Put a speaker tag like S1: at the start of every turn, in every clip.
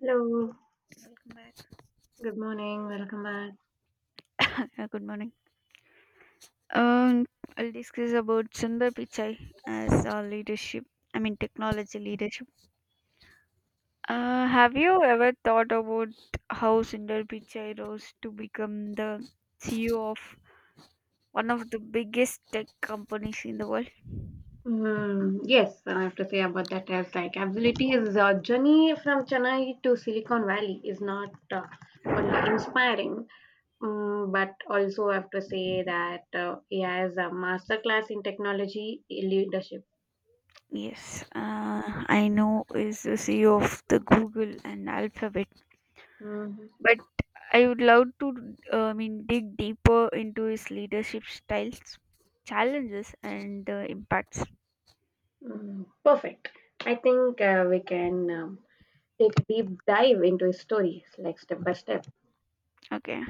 S1: Hello,
S2: Welcome back.
S1: good morning, welcome back.
S2: Hi, Good morning. Um, I'll discuss about Sundar Pichai as a leadership. I mean, technology leadership. Have you ever thought about how Sundar Pichai rose to become the CEO of one of the biggest tech companies in the world?
S1: Yes, I have to say about that as like absolutely his journey from Chennai to Silicon Valley is not only inspiring, but also I have to say that he has a masterclass in technology leadership.
S2: Yes, I know is the CEO of the Google and Alphabet,
S1: Mhm.
S2: but I would love to, I mean, dig deeper into his leadership styles, challenges, and impacts.
S1: Mm, perfect. I think we can take a deep dive into his stories, like step by step.
S2: Okay.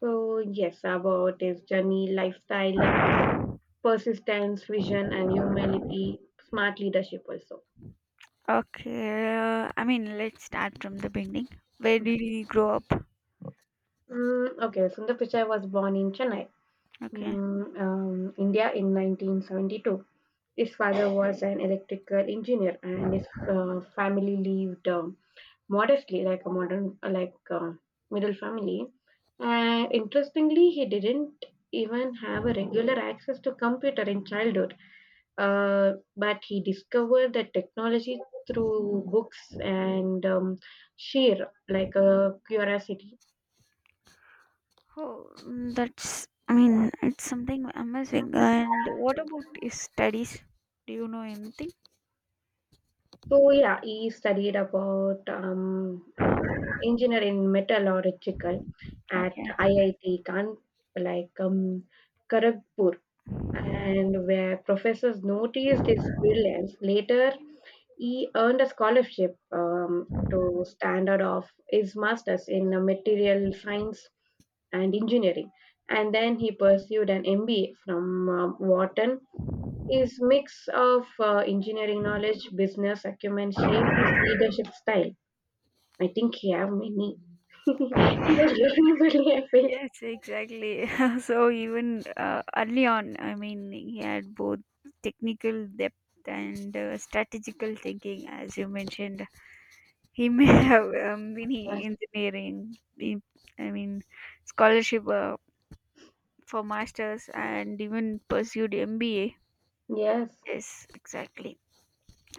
S1: So yes, about his journey, lifestyle, persistence, vision, and humility, smart leadership also.
S2: Okay, I mean, let's start from the beginning. Where did you grow up?
S1: Okay, Sundar Pichai was born in Chennai,
S2: Okay.
S1: India in 1972. His father was an electrical engineer, and his family lived modestly, like a modern, like middle family. And interestingly, he didn't even have a regular access to computer in childhood. But he discovered the technology through books and sheer curiosity.
S2: Oh, mm, that's. I mean, it's something amazing. And what about his studies? Do you know anything?
S1: So yeah, he studied about engineer in metallurgical at
S2: Okay.
S1: IIT Kan like Kharagpur, and where professors noticed his brilliance. Later, he earned a scholarship to standard of his masters in material science and engineering, and then he pursued an MBA from Wharton. His mix of engineering knowledge, business acumen shaped his leadership style. I think he have many. He was really, really, I feel.
S2: Yes, exactly. So even early on, I mean, he had both technical depth and strategical thinking, as you mentioned. He may have been
S1: Yes.
S2: in engineering, I mean, scholarship. For masters and even pursued MBA.
S1: Yes.
S2: Yes, exactly.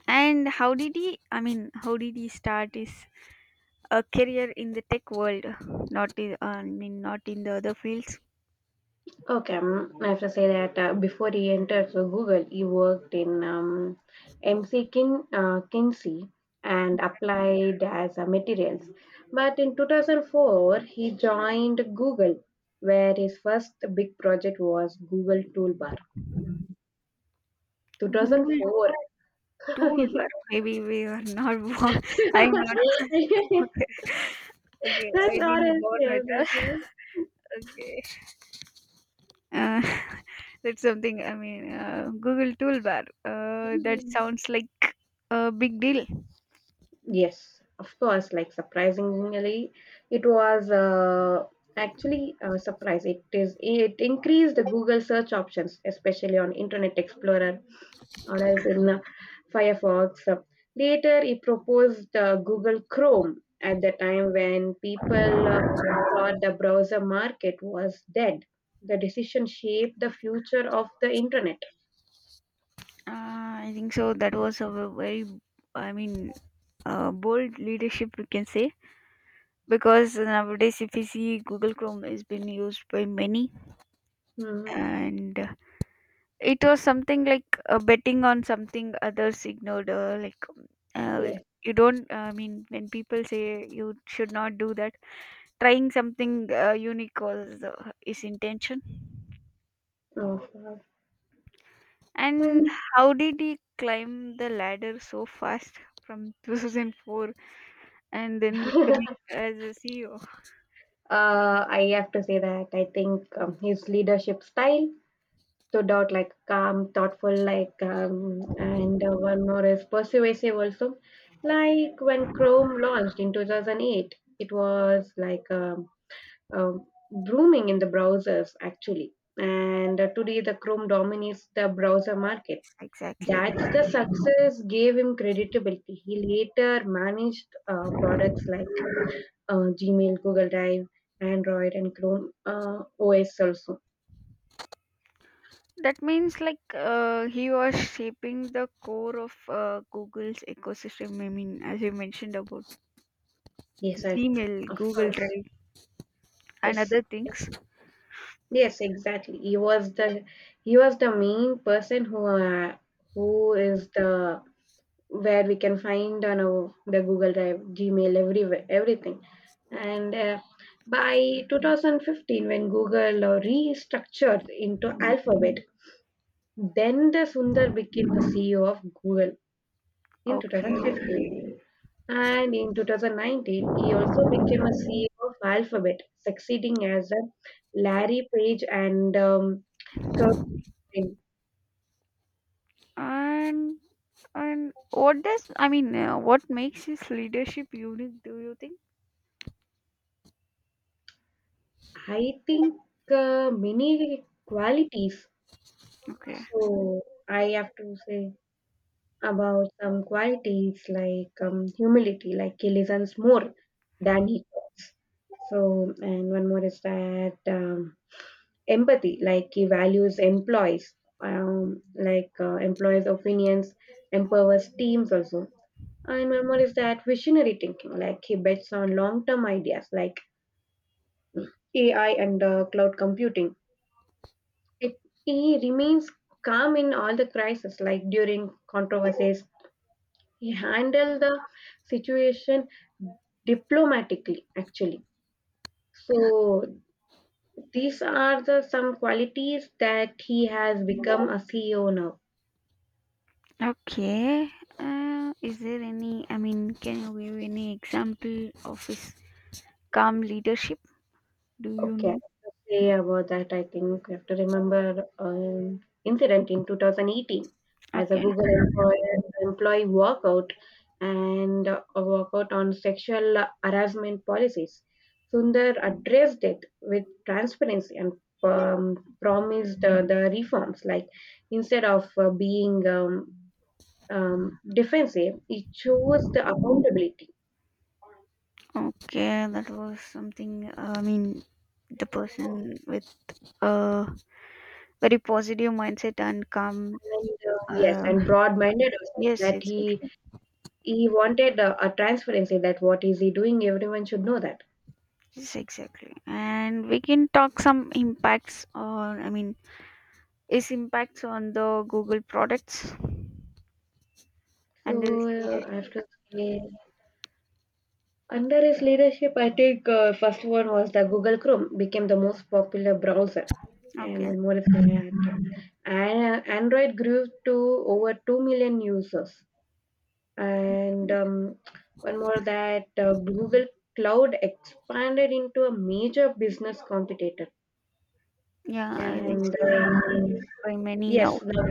S2: And how did he? I mean, how did he start his career in the tech world? Not in, I mean, not in the other fields.
S1: Okay, I have to say that before he entered so Google, he worked in MC Kinsey and applied as materials. But in 2004, he joined Google, where his first big project was Google Toolbar.
S2: Google
S1: 2004.
S2: tool where maybe we were not born. I'm not born. Okay, okay, I
S1: That's or
S2: didn't
S1: else,
S2: born
S1: yeah,
S2: at all.
S1: that's all.
S2: Okay, uh, that's something. I mean, Google toolbar. That sounds like a big deal.
S1: Yes, of course. Like surprisingly, it was actually a surprise. It increased the Google search options, especially on Internet Explorer or else in Firefox. Later, it proposed Google Chrome at the time when people thought the browser market was dead. The decision shaped the future of the internet.
S2: I think so. That was a very, I mean, bold leadership we can say because nowadays if you see google chrome has been used by many
S1: Mhm.
S2: and it was something like betting on something others ignored uh,
S1: Yes,
S2: you don't I mean when people say you should not do that trying something unique was the, his intention
S1: of course.
S2: and
S1: And
S2: how did he climb the ladder so fast from 2004 and then becoming as a ceo
S1: I have to say that I think his leadership style stood out like calm, thoughtful, like, and one more is persuasive also. Like when Chrome launched in 2008, it was booming in the browsers actually. And today, the Chrome dominates the browser market.
S2: exactly.
S1: That's the success gave him credibility. He later managed products like Gmail, Google Drive, Android, and Chrome OS also.
S2: That means like he was shaping the core of Google's ecosystem. I mean, as you mentioned about
S1: Yes, I
S2: Gmail,
S1: of
S2: Google
S1: course.
S2: Drive, and
S1: Yes,
S2: other things.
S1: yes, exactly. He was the main person who is the where we can find on our, the Google Drive, Gmail, everywhere, everything. And by 2015, when Google restructured into Alphabet, then the Sundar became the CEO of Google in
S2: Okay,
S1: 2015. And in 2019, he also became a CEO of Alphabet, succeeding as a Larry Page and Kirk Cameron.
S2: and and what does I mean? What makes his leadership unique? Do you think?
S1: I think many qualities.
S2: Okay,
S1: So I have to say about some qualities like humility, like he listens more than he talks. So, and one more is that empathy, like he values employees employees opinions, empowers teams also, and one more is that visionary thinking, like he bets on long term ideas like AI and cloud computing. it, he remains calm in all the crises, like during controversies he handled the situation diplomatically actually. So these are the some qualities that he has become a CEO now.
S2: okay. Is there any? I mean, can you give any example of his calm leadership? Do you
S1: Okay, I have
S2: know?
S1: to say about that, I think we have to remember an incident in 2018 as a
S2: Okay.
S1: Google employee walkout and a walkout on sexual harassment policies. Sundar addressed it with transparency and promised the reforms. Like instead of being defensive, he chose the accountability.
S2: Okay, that was something. I mean, the person with a very positive mindset and calm.
S1: And yes,
S2: Uh,
S1: and broad-minded also,
S2: yes,
S1: that
S2: yes,
S1: he
S2: exactly.
S1: He wanted a transparency that what is he doing, everyone should know that.
S2: Yes, exactly. And we can talk some impacts on. I mean, is impacts on the Google products and its
S1: So I
S2: leadership.
S1: have to say, under his leadership, I think first one was the Google Chrome became the most popular browser, and
S2: Okay.
S1: one more is, mhm, and Android grew to over 2 million users, and one more that Google Cloud expanded into a major business competitor,
S2: Yeah, I think
S1: and.
S2: so. It's used by many now.
S1: Yes, now,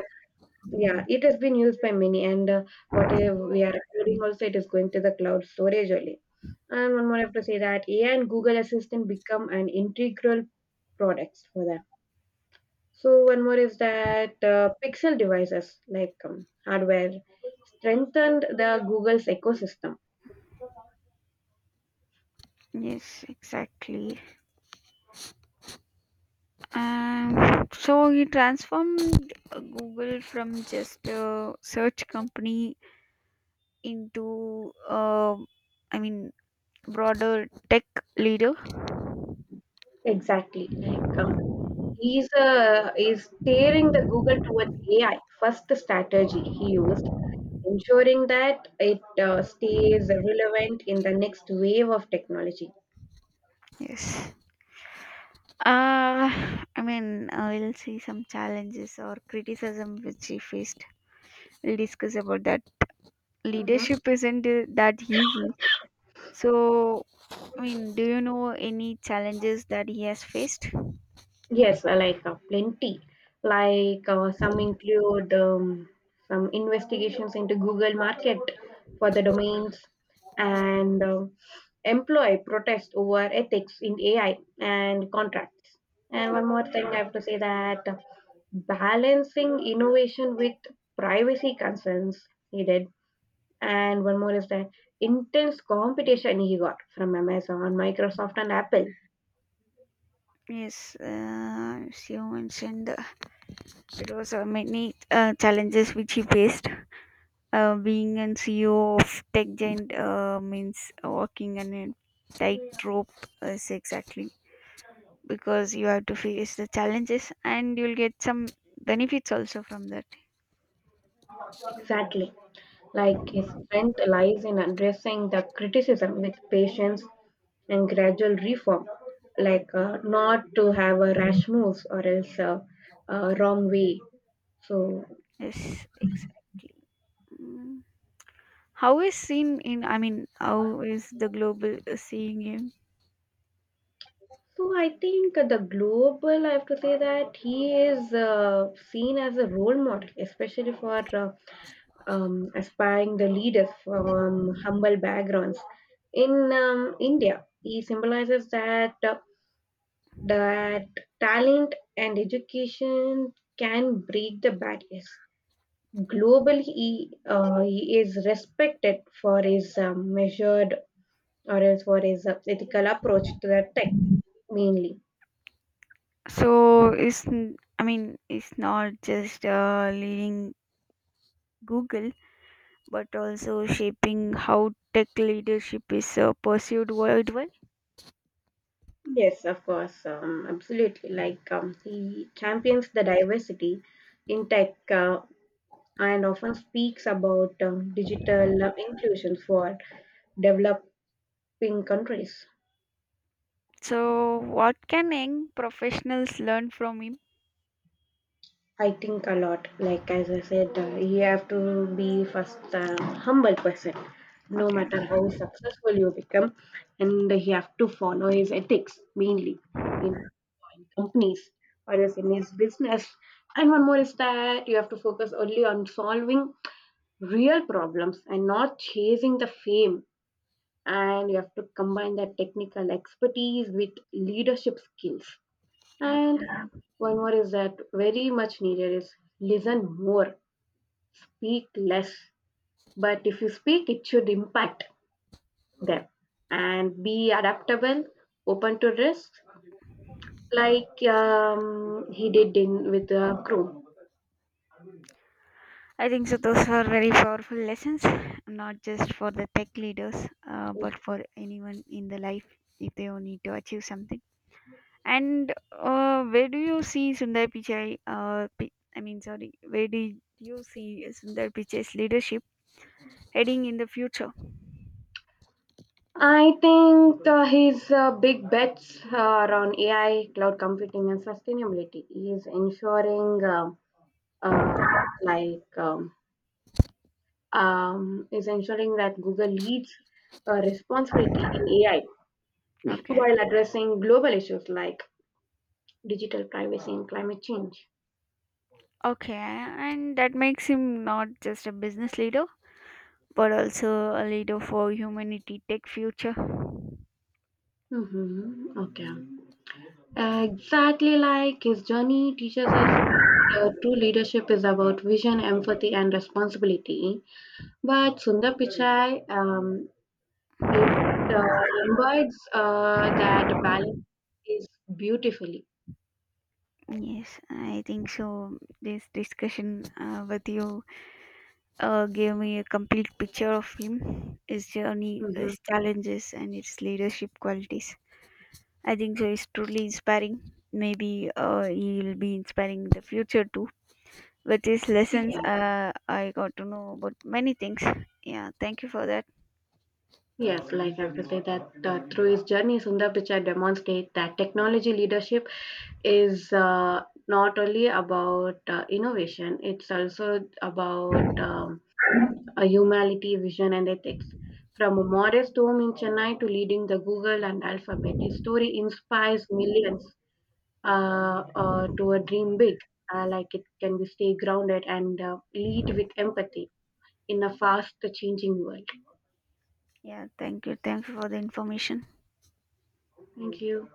S1: yeah, it has been used by many, and what we are recording also, it is going to the cloud storage only. And one more, I have to say that AI and Google Assistant become an integral products for that. So one more is that Pixel devices like hardware strengthened the Google's ecosystem.
S2: Yes, exactly. So he transformed Google from just a search company into i mean broader tech leader.
S1: Exactly, He's is steering the Google towards AI. First strategy he used, ensuring that it stays relevant in the next wave of technology.
S2: Yes, uh, we'll see some challenges or criticism which he faced. We'll discuss about that.
S1: Mhm.
S2: Leadership isn't that easy. So I mean, do you know any challenges that he has faced?
S1: Yes, plenty. Some include some investigations into Google Market for the domains and employee protest over ethics in AI and contracts. And
S2: Oh,
S1: one more thing I have to say that balancing innovation with privacy concerns needed. And one more is that intense competition he got from Amazon, Microsoft, and Apple.
S2: yes, as you mentioned, it was many challenges which he faced. Being a CEO of tech giant means working on a tightrope, is exactly because you have to face the challenges and you'll get some benefits also from that.
S1: Exactly, like his strength lies in addressing the criticism with patience and gradual reform, not to have a rash moves or else a wrong way. So,
S2: Yes, exactly. Mm. How is seen in? I mean, how is the global seeing him?
S1: so I think the global, I have to say that he is seen as a role model, especially for aspiring the leaders from humble backgrounds. In India, he symbolizes that talent and education can break the barriers. Globally, he is respected for his measured or else for his ethical approach to the tech, mainly.
S2: So is, I mean, it's not just leading Google, but also shaping how tech leadership is pursued worldwide.
S1: Yes, of course, absolutely. He champions the diversity in tech and often speaks about digital inclusion for developing countries.
S2: So, what can young professionals learn from him?
S1: I think a lot. Like as I said, you have to be first humble person, no
S2: Okay,
S1: matter how successful you become, and you have to follow his ethics mainly in, in companies or else in his business. And one more is that you have to focus only on solving real problems and not chasing the fame. And you have to combine that technical expertise with leadership skills.
S2: yeah.
S1: And one more is that very much needed is listen more, speak less. But if you speak, it should impact them and be adaptable, open to risk, he did in with Chrome.
S2: I think so. Those are very powerful lessons, not just for the tech leaders, but for anyone in the life if they all need to achieve something. And where do you see Sundar Pichai? I mean, sorry, where do you see Sundar Pichai's leadership heading in the future?
S1: I think his big bets are on AI, cloud computing, and sustainability. He is ensuring uh, like is ensuring that Google leads responsibility in AI
S2: Okay,
S1: while addressing global issues like digital privacy and climate change.
S2: okay, and that makes him not just a business leader, but also a leader for humanity tech future.
S1: Mm-hmm. Okay. Exactly, like his journey teaches us that, true leadership is about vision, empathy, and responsibility. But Sundar Pichai, it uh, embodies that balance is beautifully.
S2: Yes, I think so. This discussion with you gave me a complete picture of him, his journey,
S1: Mm-hmm.
S2: his challenges, and his leadership qualities. I think so. It's truly inspiring. Maybe he'll be inspiring in the future too. With his lessons, I got to know about many things. Yeah, thank you for that.
S1: Yes, like I have to say that through his journey, Sundar Pichai demonstrates that technology leadership is not only about innovation; it's also about a humanity, vision, and ethics. From a modest home in Chennai to leading the Google and Alphabet, his story inspires millions to a dream big. Like it can be stay grounded and lead with empathy in a fast changing world.
S2: Yeah, thank you. Thank you for the information.
S1: Thank you.